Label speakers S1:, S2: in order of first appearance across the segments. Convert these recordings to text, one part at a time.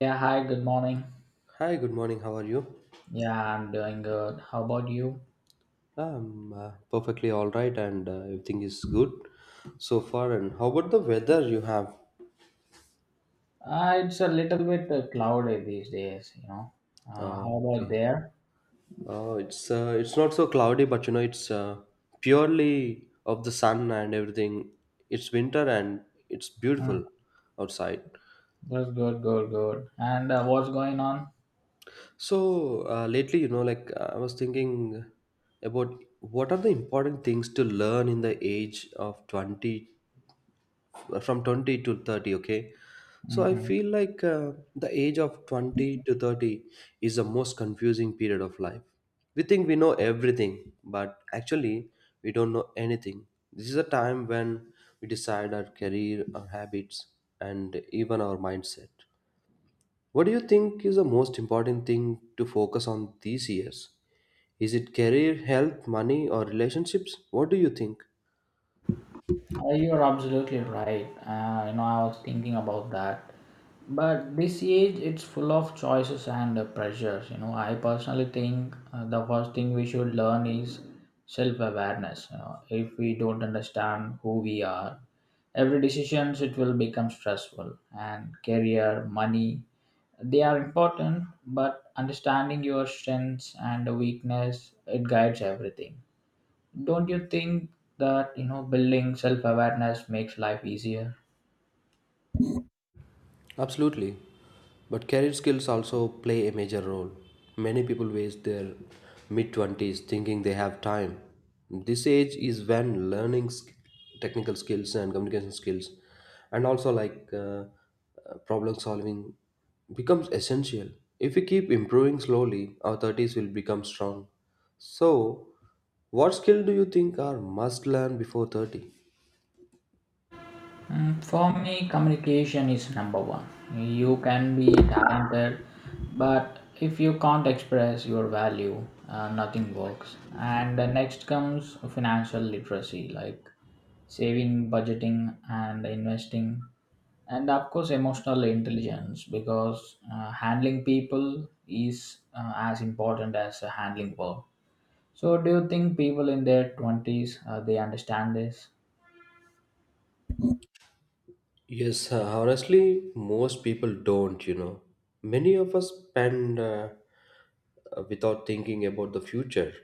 S1: Yeah, hi, good morning.
S2: Hi, good morning. How are you?
S1: Yeah, I'm doing good. How about you?
S2: I'm perfectly all right, and everything is good so far. And how about the weather you have?
S1: It's a little bit cloudy these days. How
S2: Oh,
S1: about
S2: okay.
S1: there?
S2: Oh, it's not so cloudy, but it's purely of the sun and everything. It's winter and it's
S1: Mm,
S2: beautiful outside.
S1: that's good, good, good. And what's going on?
S2: So, lately, like I was thinking about what are the important things to learn in the age of 20, from 20 to 30, okay. So I
S1: Mm-hmm.
S2: feel like the age of 20 to 30 is the most confusing period of life. We think we know everything, but actually we don't know anything. This is a time when we decide our career, our habits, and even our mindset. What do you think is the most important thing to focus on these years? Is it career, health, money, or relationships? What do you think?
S1: You're absolutely right. I was thinking about that. But this age, it's full of choices and pressures. I personally think the first thing we should learn is self-awareness. You know, if we don't understand who we are, every decisions it will become stressful. And career, money, they are important. But understanding your strengths and weakness, it guides everything. Don't you think that building self-awareness makes life easier?
S2: Absolutely. But career skills also play a major role. Many people waste their mid 20s thinking they have time. This age is when learning technical skills and communication skills, and also like problem solving becomes essential. If we keep improving slowly, our 30s will become strong. So, what skill do you think are must learn before 30?
S1: For me communication is number one. You can be talented, but if you can't express your value, nothing works. And the next comes financial literacy, like saving, budgeting, and investing. And of course emotional intelligence, because handling people is as important as handling work. So, do you think people in their 20s they understand this?
S2: Yes, Honestly, most people don't. Many of us spend without thinking about the future.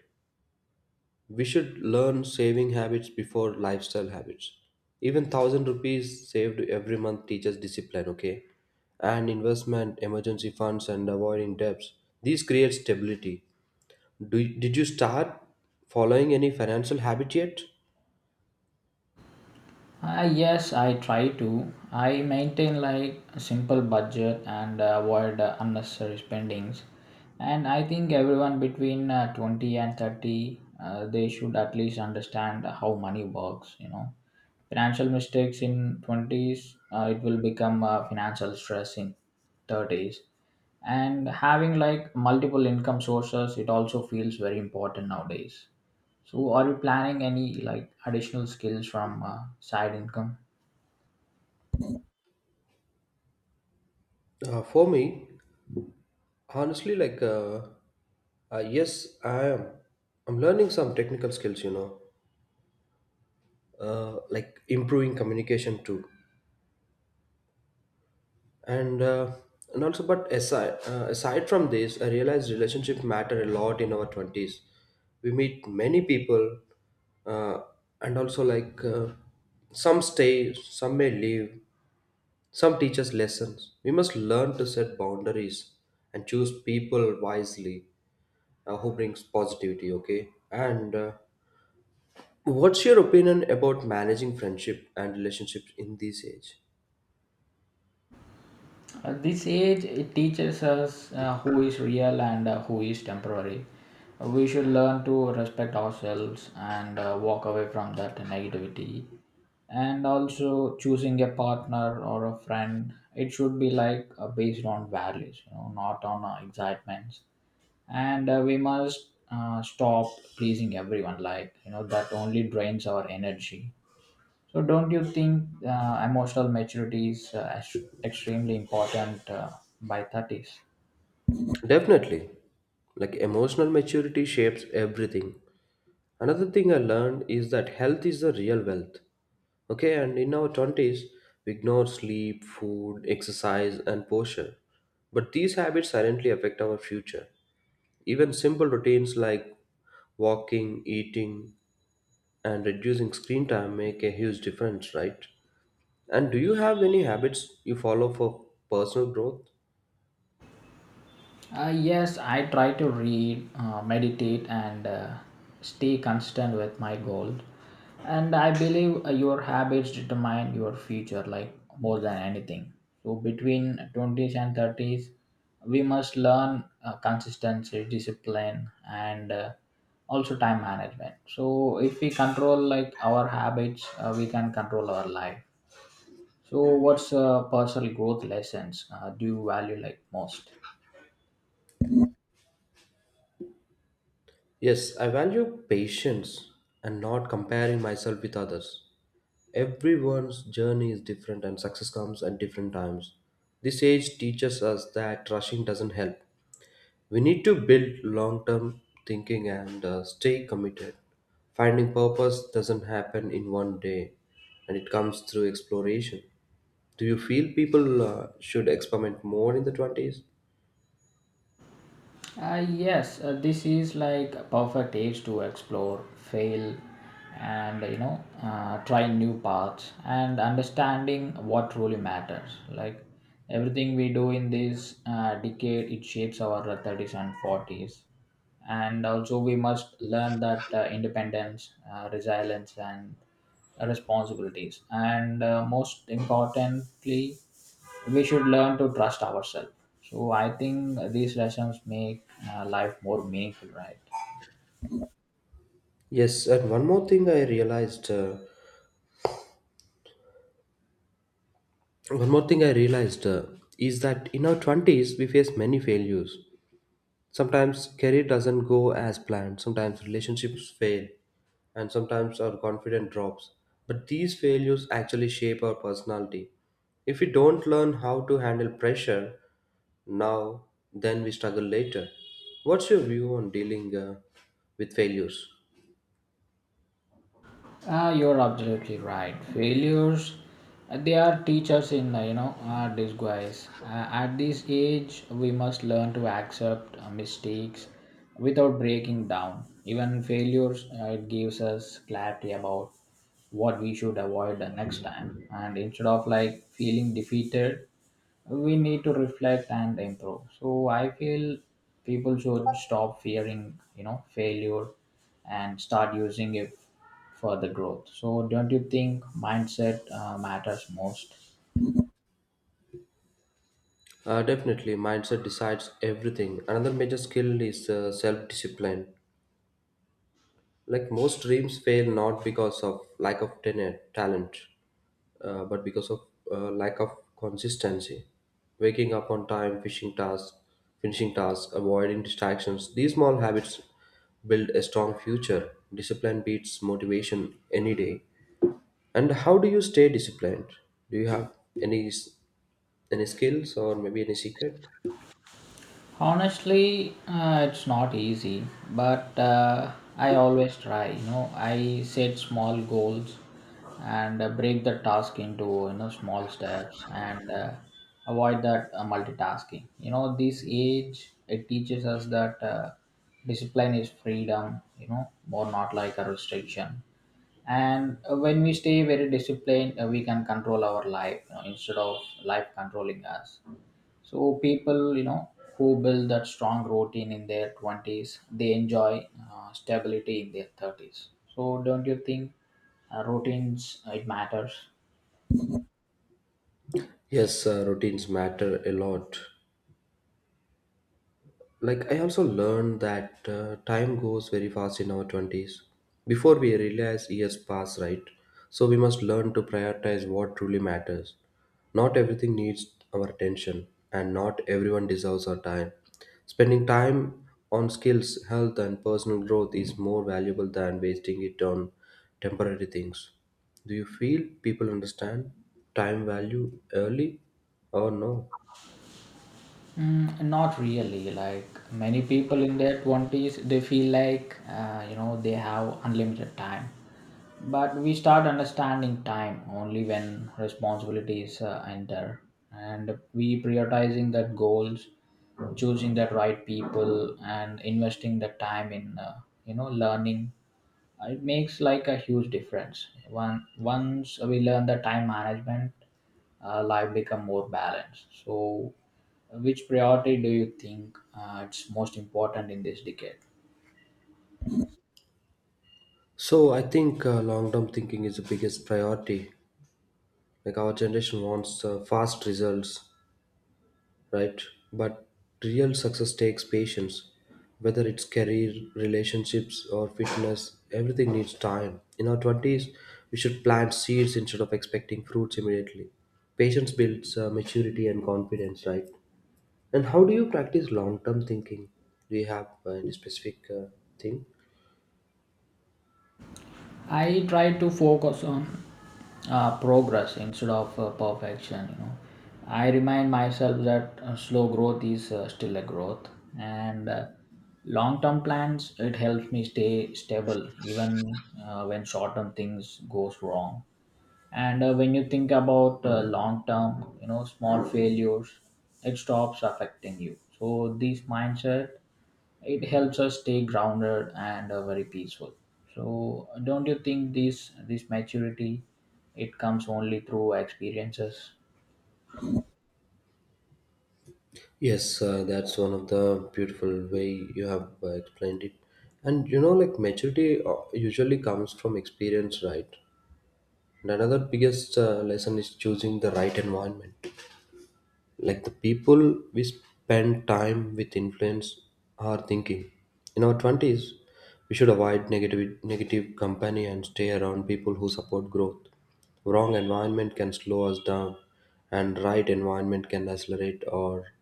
S2: We should learn saving habits before lifestyle habits. Even 1,000 rupees saved every month teaches discipline, okay? And investment, emergency funds, and avoiding debts. These create stability. Did you start following any financial habit yet?
S1: Yes, I try to. I maintain like a simple budget and avoid unnecessary spendings. And I think everyone between 20 and 30 they should at least understand how money works, you know. Financial mistakes in 20s, it will become financial stress in 30s. And having like multiple income sources it also feels very important nowadays. So, are you planning any like additional skills from side income?
S2: For me, honestly, like yes, I'm learning some technical skills, like improving communication too, and uh, and also. But aside from this, I realized relationships matter a lot in our 20s. We meet many people, uh, and also like some stay, some may leave, some teach us lessons. We must learn to set boundaries and choose people wisely, who brings positivity, okay. And what's your opinion about managing friendship and relationships in this age?
S1: At this age, it teaches us who is real and who is temporary. We should learn to respect ourselves and walk away from that negativity. And also, choosing a partner or a friend, it should be like, based on values, you know, not on excitements. And we must stop pleasing everyone. That only drains our energy. So, don't you think emotional maturity is extremely important by 30s?
S2: Definitely. Like, emotional maturity shapes everything. Another thing I learned is that health is the real wealth, okay. And in our 20s we ignore sleep, food, exercise, and posture, but these habits silently affect our future. Even simple routines like walking, eating, and reducing screen time make a huge difference, right? And do you have any habits you follow for personal growth?
S1: Yes, I try to read, meditate, and stay consistent with my goal. And I believe your habits determine your future, like more than anything. So between twenties and thirties, we must learn consistency, discipline, and also time management. So if we control like our habits, we can control our life. So what's personal growth lessons do you value like most?
S2: Yes, I value patience and not comparing myself with others. Everyone's journey is different and success comes at different times. This age teaches us that rushing doesn't help. We need to build long term thinking and stay committed. Finding purpose doesn't happen in one day, and it comes through exploration. Do you feel people should experiment more in the 20s?
S1: Yes, this is like a perfect age to explore, fail, and try new paths and understanding what truly matters. Like everything we do in this decade, it shapes our 30s and 40s, and also we must learn that independence, resilience, and responsibilities, and most importantly we should learn to trust ourselves. So I think these lessons make life more meaningful, right?
S2: Yes, and one more thing I realized is that in our 20s we face many failures. Sometimes career doesn't go as planned, sometimes relationships fail, and sometimes our confidence drops. But these failures actually shape our personality. If we don't learn how to handle pressure now, then we struggle later. What's your view on dealing with failures?
S1: Ah, you're absolutely right. Failures, they are teachers in, disguise. At this age, we must learn to accept mistakes without breaking down. Even failures, it gives us clarity about what we should avoid the next time. And instead of like feeling defeated, we need to reflect and improve. So I feel people should stop fearing, you know, failure, and start using it for the growth. So, don't you think mindset matters most?
S2: Definitely, mindset decides everything. Another major skill is self discipline. Like, most dreams fail not because of lack of tenor, talent, but because of lack of consistency. Waking up on time, finishing tasks, avoiding distractions. These small habits build a strong future. Discipline beats motivation any day. And how do you stay disciplined? Do you have any s- any skills or maybe any secret?
S1: Honestly, it's not easy, but I always try, you know. I set small goals and break the task into, you know, small steps, and avoid that multitasking. You know, this age it teaches us that discipline is freedom, you know, more not like a restriction. And when we stay very disciplined, we can control our life, you know, instead of life controlling us. So people, you know, who build that strong routine in their 20s, they enjoy stability in their 30s. So don't you think routines it matters?
S2: Yes, routines matter a lot. Like, I also learned that time goes very fast in our 20s. Before we realize years pass, right? So, we must learn to prioritize what truly matters. Not everything needs our attention, and not everyone deserves our time. Spending time on skills, health, and personal growth is more valuable than wasting it on temporary things. Do you feel people understand time value early or no?
S1: Not really. Like many people in their 20s, they feel like, they have unlimited time. But we start understanding time only when responsibilities enter. And we prioritizing that goals, choosing the right people, and investing the time in, learning, it makes like a huge difference. One Once we learn the time management, life become more balanced. So which priority do you think it's most important in this decade?
S2: So I think long-term thinking is the biggest priority. Like our generation wants fast results, right? But real success takes patience. Whether it's career, relationships, or fitness, everything needs time. In our 20s, we should plant seeds instead of expecting fruits immediately. Patience builds maturity and confidence, right? And how do you practice long-term thinking? Do you have any specific thing?
S1: I try to focus on progress instead of perfection, you know. I remind myself that slow growth is still a growth. And long term plans it helps me stay stable even when short term things goes wrong. And when you think about long term, you know, small failures, it stops affecting you. So this mindset, it helps us stay grounded and very peaceful. So don't you think this maturity, it comes only through experiences?
S2: Yes, that's one of the beautiful way you have explained it. And like maturity usually comes from experience, right? And another biggest lesson is choosing the right environment. Like the people we spend time with influence our thinking. In our 20s, we should avoid negative company and stay around people who support growth. Wrong environment can slow us down, and right environment can accelerate our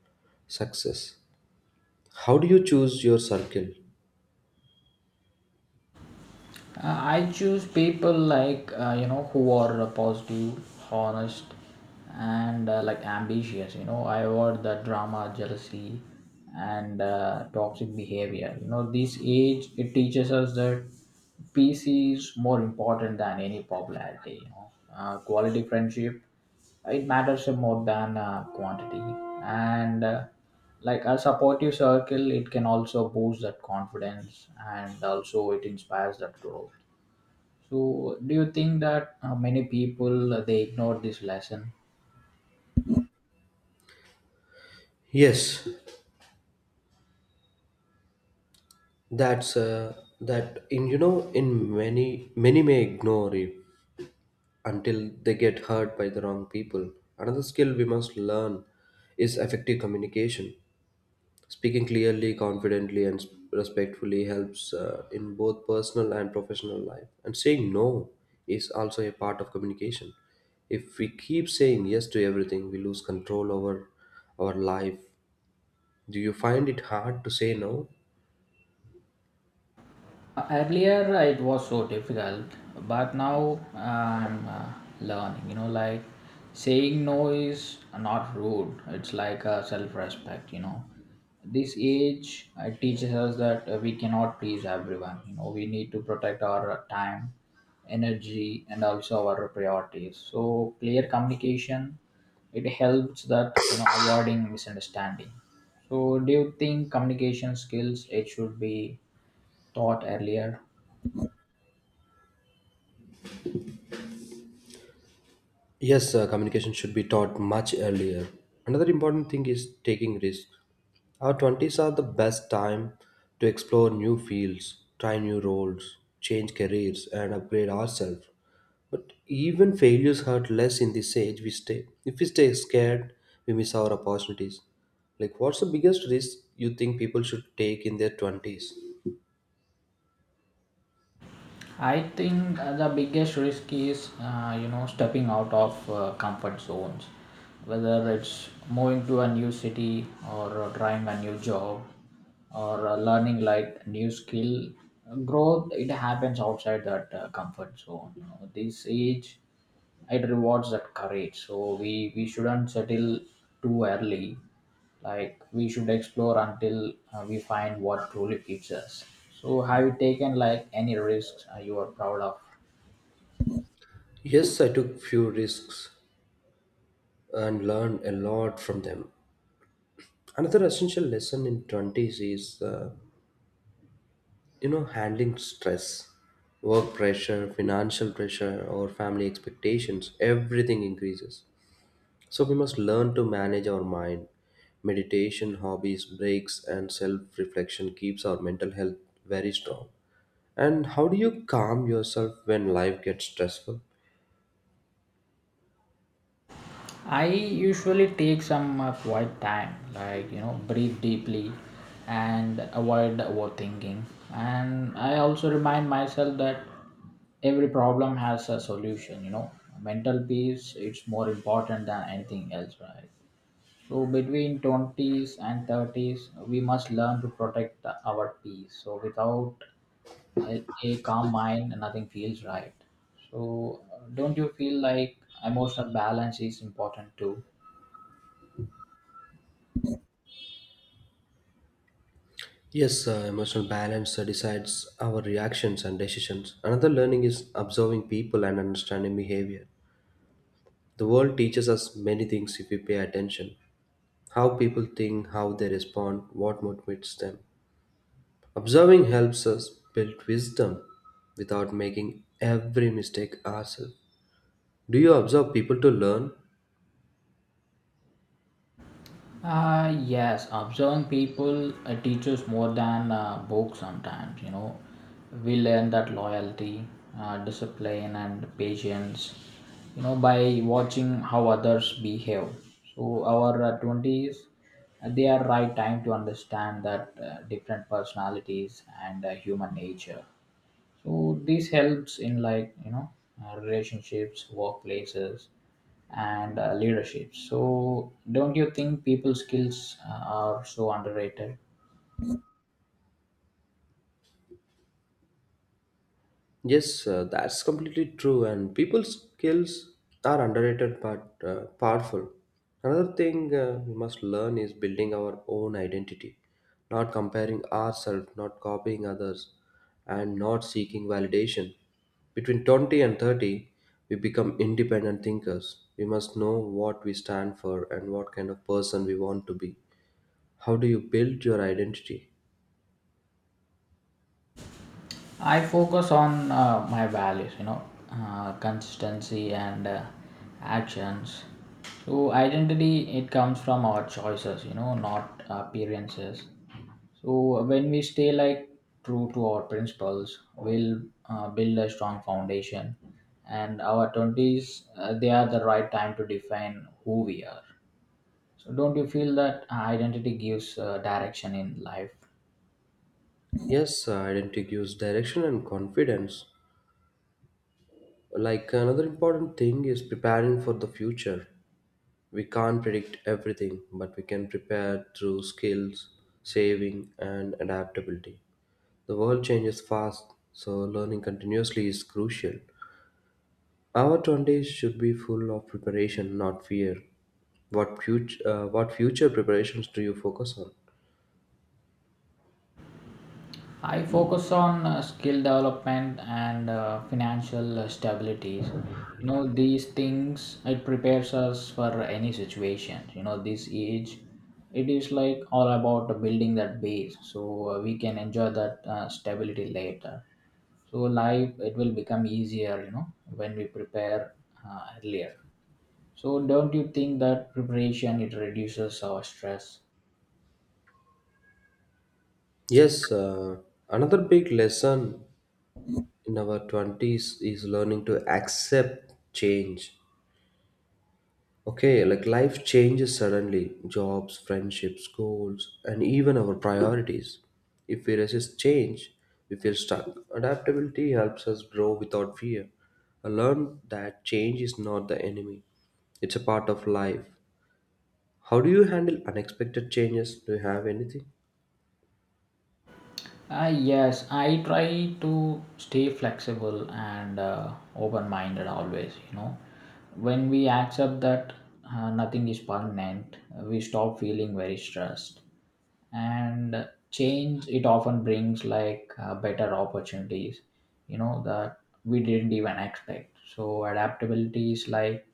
S2: success. How do you choose your circle?
S1: I choose people like, who are positive, honest, and like ambitious. You know, I avoid the drama, jealousy, and toxic behavior. You know, this age it teaches us that peace is more important than any popularity. You know, quality friendship it matters more than quantity. And like a supportive circle it can also boost that confidence and also it inspires that growth. So do you think that many people they ignore this lesson?
S2: Yes, that's uh, that in, in many may ignore you until they get hurt by the wrong people. Another skill we must learn is effective communication. Speaking clearly, confidently, and respectfully helps in both personal and professional life. And saying no is also a part of communication. If we keep saying yes to everything, we lose control over our life. Do you find it hard to say no?
S1: Earlier it was so difficult, but now I'm learning. You know, like saying no is not rude. It's like a self-respect. You know, this age teaches us that we cannot please everyone. You know, we need to protect our time, energy, and also our priorities. So clear communication it helps that, you know, avoiding misunderstanding. So do you think communication skills it should be taught earlier?
S2: Yes, communication should be taught much earlier. Another important thing is taking risks. Our 20s are the best time to explore new fields, try new roles, change careers, and upgrade ourselves. But even failures hurt less in this age we stay. If we stay scared, we miss our opportunities. Like, what's the biggest risk you think people should take in their 20s?
S1: I think the biggest risk is, stepping out of comfort zones, whether it's moving to a new city or trying a new job or learning like new skill. Growth it happens outside that comfort zone. You know, this age it rewards that courage, so we shouldn't settle too early. Like we should explore until we find what truly fits us. So have you taken like any risks you are proud of?
S2: Yes, I took few risks and learned a lot from them. Another essential lesson in 20s is, handling stress, work pressure, financial pressure, or family expectations. Everything increases. So we must learn to manage our mind. Meditation, hobbies, breaks, and self-reflection keeps our mental health very strong. And how do you calm yourself when life gets stressful?
S1: I usually take some quiet time, like, you know, breathe deeply and avoid overthinking. And I also remind myself that every problem has a solution, you know. Mental peace it's more important than anything else, right? So between 20s and 30s, we must learn to protect our peace. So without a calm mind, nothing feels right. So don't you feel like emotional balance is important too?
S2: Yes, emotional balance decides our reactions and decisions. Another learning is observing people and understanding behavior. The world teaches us many things if we pay attention: how people think, how they respond, what motivates them. Observing helps us build wisdom without making every mistake ourselves. Do you observe people to learn?
S1: Yes, observing people teaches more than books sometimes, you know. We learn that loyalty, discipline, and patience, you know, by watching how others behave. So, our 20s, they are right time to understand that different personalities and human nature. So this helps in, like, you know, relationships, workplaces, and leadership. So don't you think people skills are so underrated?
S2: Yes, that's completely true. And people's skills are underrated but powerful. Another thing we must learn is building our own identity, not comparing ourselves, not copying others, and not seeking validation. Between 20 and 30, we become independent thinkers. We must know what we stand for and what kind of person we want to be. How do you build your identity?
S1: I focus on my values, you know, consistency and actions. So identity it comes from our choices, you know, not appearances. So when we stay like true to our principles, we'll build a strong foundation. And our twenties, they are the right time to define who we are. So don't you feel that identity gives direction in life?
S2: Yes, identity gives direction and confidence. Like, another important thing is preparing for the future. We can't predict everything, but we can prepare through skills, saving, and adaptability. The world changes fast, so learning continuously is crucial. Our 20s should be full of preparation, not fear. What future preparations do you focus on?
S1: I focus on skill development and financial stability. You know, these things, it prepares us for any situation. You know, this age, it is like all about building that base, so we can enjoy that stability later. So, life, it will become easier, you know, when we prepare earlier. So, don't you think that preparation, it reduces our stress?
S2: Yes, another big lesson in our 20s is learning to accept change. Okay, like life changes suddenly: jobs, friendships, goals, and even our priorities. If we resist change, we feel stuck. Adaptability helps us grow without fear. I learned that change is not the enemy, it's a part of life. How do you handle unexpected changes? Do you have anything?
S1: Yes, I try to stay flexible and open minded always. You know, when we accept that nothing is permanent, we stop feeling very stressed. And change, it often brings like better opportunities, you know, that we didn't even expect. So, adaptability is like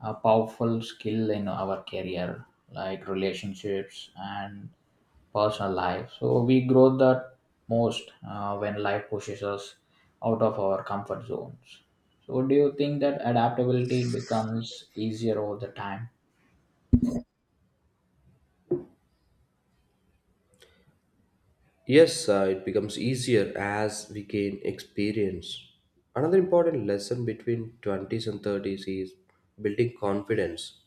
S1: a powerful skill in our career, like relationships and personal life. So we grow the most when life pushes us out of our comfort zones. So do you think that adaptability becomes easier over the time?
S2: Yes, it becomes easier as we gain experience. Another important lesson between 20s and 30s is building confidence.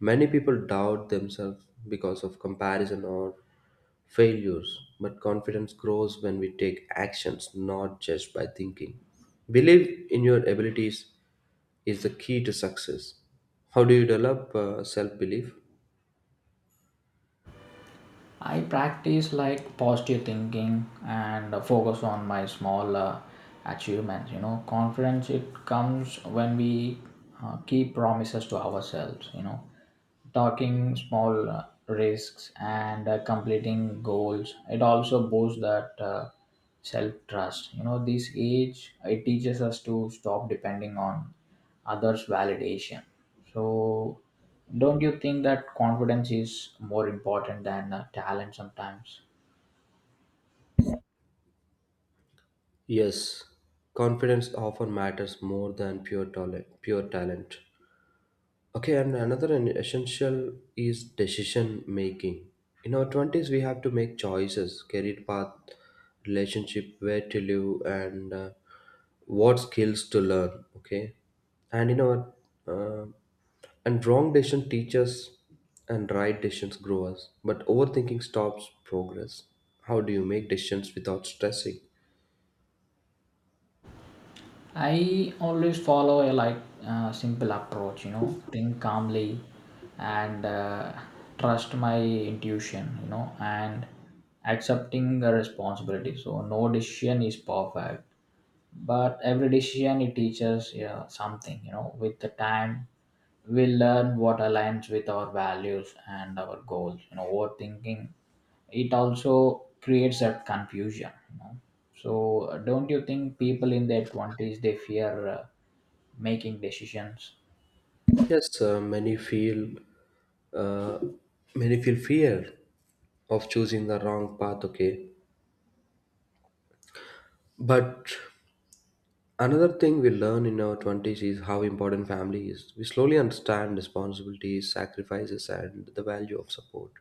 S2: Many people doubt themselves because of comparison or failures, but confidence grows when we take actions, not just by thinking. Believe in your abilities is the key to success. How do you develop self belief?
S1: I practice like positive thinking and focus on my small achievements. You know, confidence it comes when we keep promises to ourselves. You know, talking small risks and completing goals. It also boosts that self trust. You know, this age it teaches us to stop depending on others' validation. So don't you think that confidence is more important than talent sometimes?
S2: Yes, confidence often matters more than pure talent. Pure talent. Okay, and another essential is decision making. In our 20s, we have to make choices: career path, relationship, where to live, and what skills to learn. Okay, and in our uh, and wrong decision teaches and right decisions grow us, but overthinking stops progress. How do you make decisions without stressing?
S1: I always follow a like simple approach, you know, think calmly and trust my intuition, you know, and accepting the responsibility. So no decision is perfect, but every decision it teaches, yeah, something, you know. With the time we learn what aligns with our values and our goals, you know. Overthinking, it also creates that confusion, you know. So don't you think people in their 20s they fear making decisions?
S2: Yes, uh, many feel fear of choosing the wrong path. Okay, but another thing we learn in our 20s is how important family is. We slowly understand responsibilities, sacrifices, and the value of support.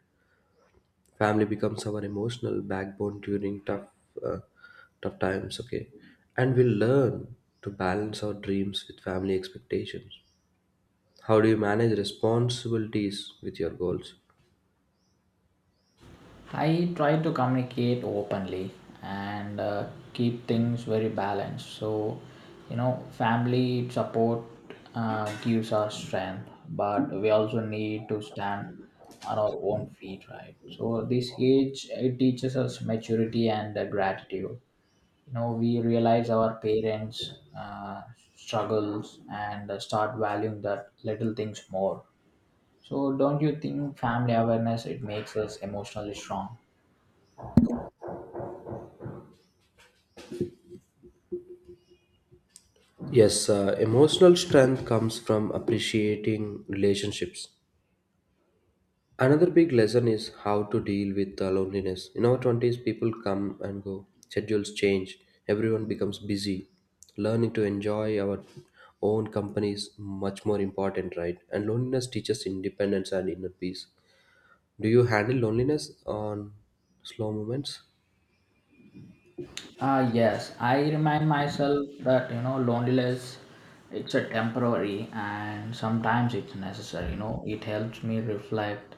S2: Family becomes our emotional backbone during uh, tough times. Okay, and we learn to balance our dreams with family expectations. How do you manage responsibilities with your goals?
S1: I try to communicate openly and keep things very balanced. So, you know, family support gives us strength, but we also need to stand on our own feet, right? So, this age it teaches us maturity and gratitude. You know, we realize our parents' struggles and start valuing that little things more. So, don't you think family awareness it makes us emotionally strong?
S2: Yes, emotional strength comes from appreciating relationships. Another big lesson is how to deal with loneliness. In our 20s, people come and go, schedules change, everyone becomes busy. Learning to enjoy our own company is much more important, right? And loneliness teaches independence and inner peace. Do you handle loneliness on slow moments?
S1: Ah, yes, I remind myself that, you know, loneliness, it's a temporary and sometimes it's necessary. You know, it helps me reflect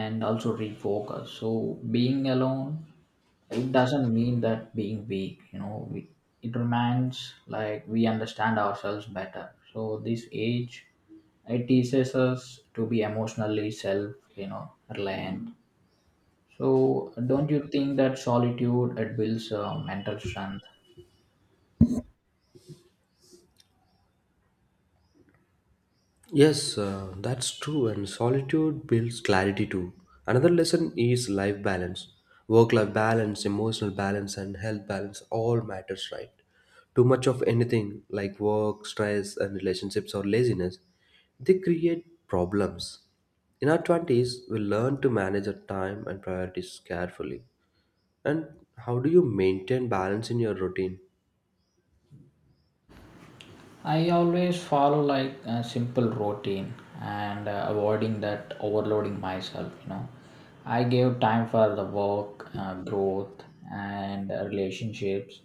S1: and also refocus. So being alone, it doesn't mean that being weak. You know, it reminds like we understand ourselves better. So this age, it teaches us to be emotionally self, you know, reliant. So, don't you think that solitude it builds mental strength?
S2: Yes, that's true, and solitude builds clarity too. Another lesson is life balance. Work life balance, emotional balance, and health balance all matters, right? Too much of anything like work, stress, and relationships or laziness, they create problems. In our 20s, we learn to manage our time and priorities carefully. And how do you maintain balance in your routine?
S1: I always follow like a simple routine and avoiding that overloading myself. You know, I give time for the work, growth, and relationships.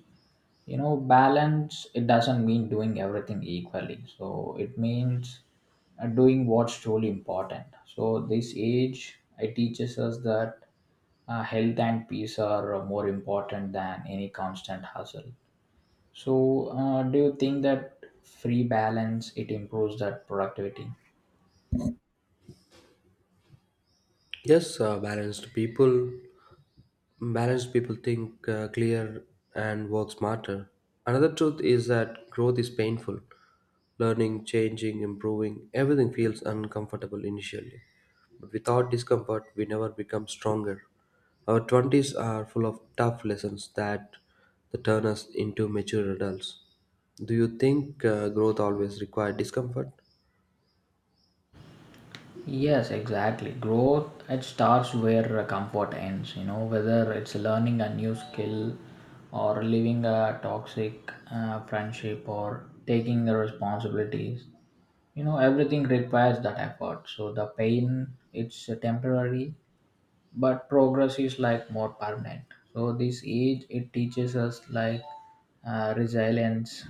S1: You know, balance, it doesn't mean doing everything equally, so it means doing what's truly important. So this age it teaches us that health and peace are more important than any constant hustle. So do you think that free balance it improves that productivity?
S2: Yes, balanced people think clear and work smarter. Another truth is that growth is painful. Learning, changing, improving, everything feels uncomfortable initially. But without discomfort, we never become stronger. Our 20s are full of tough lessons that turn us into mature adults. Do you think growth always requires discomfort?
S1: Yes, exactly. Growth, it starts where comfort ends. You know, whether it's learning a new skill, or leaving a toxic friendship, or taking the responsibilities. You know, everything requires that effort. So the pain, it's temporary, but progress is like more permanent. So this age it teaches us like resilience.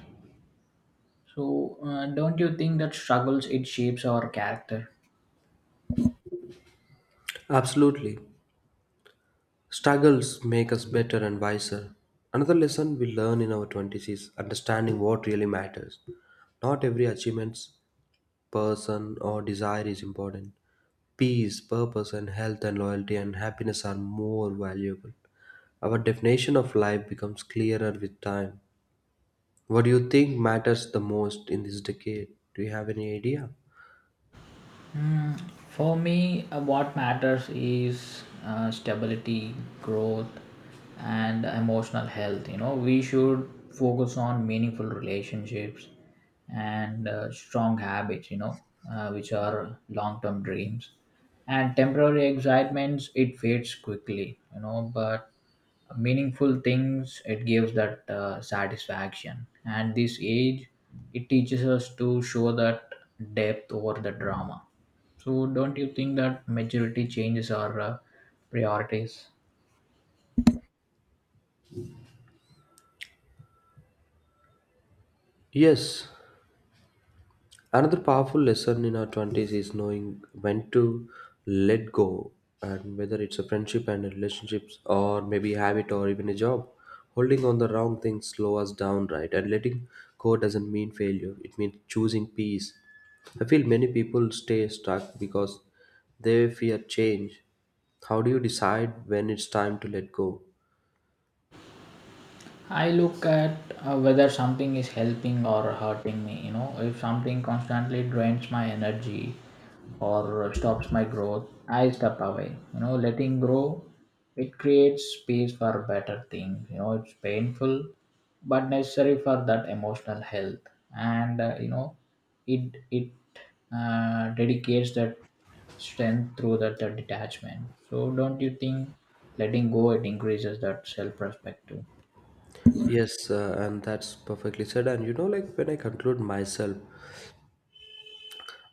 S1: So don't you think that struggles it shapes our character?
S2: Absolutely. Struggles make us better and wiser. Another lesson we learn in our 20s is understanding what really matters. Not every achievement, person, or desire is important. Peace, purpose, and health, and loyalty and happiness are more valuable. Our definition of life becomes clearer with time. What do you think matters the most in this decade? Do you have any idea?
S1: For me, what matters is stability, growth, and emotional health. You know, we should focus on meaningful relationships and strong habits, you know, which are long term dreams. And temporary excitements, it fades quickly, you know, but meaningful things, it gives that satisfaction. And this age, it teaches us to show that depth over the drama. So don't you think that majority changes our priorities?
S2: Yes. Another powerful lesson in our 20s is knowing when to let go, and whether it's a friendship and relationships, or maybe habit, or even a job. Holding on the wrong things slow us down, right? And letting go doesn't mean failure, it means choosing peace. I feel many people stay stuck because they fear change. How do you decide when it's time to let go?
S1: I look at whether something is helping or hurting me. You know, if something constantly drains my energy or stops my growth, I step away. You know, letting grow, it creates space for better things. You know, it's painful, but necessary for that emotional health. And you know, it dedicates that strength through that detachment. So, don't you think letting go it increases that self-respect too?
S2: Yes, and that's perfectly said. And like when I conclude myself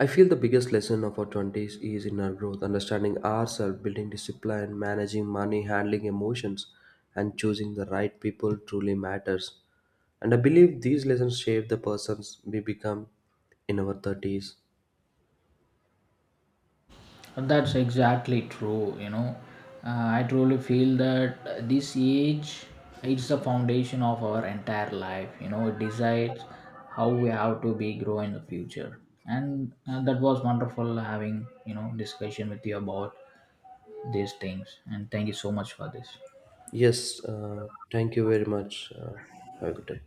S2: I feel the biggest lesson of our 20s is in our growth, understanding ourselves, building discipline, managing money, handling emotions, and choosing the right people truly matters. And I believe these lessons shape the persons we become in our 30s.
S1: That's exactly true. You know, I truly feel that this age, it's the foundation of our entire life. You know, it decides how we have to be grow in the future. And that was wonderful having, you know, discussion with you about these things. And thank you so much for this.
S2: Yes, thank you very much. Have a good day.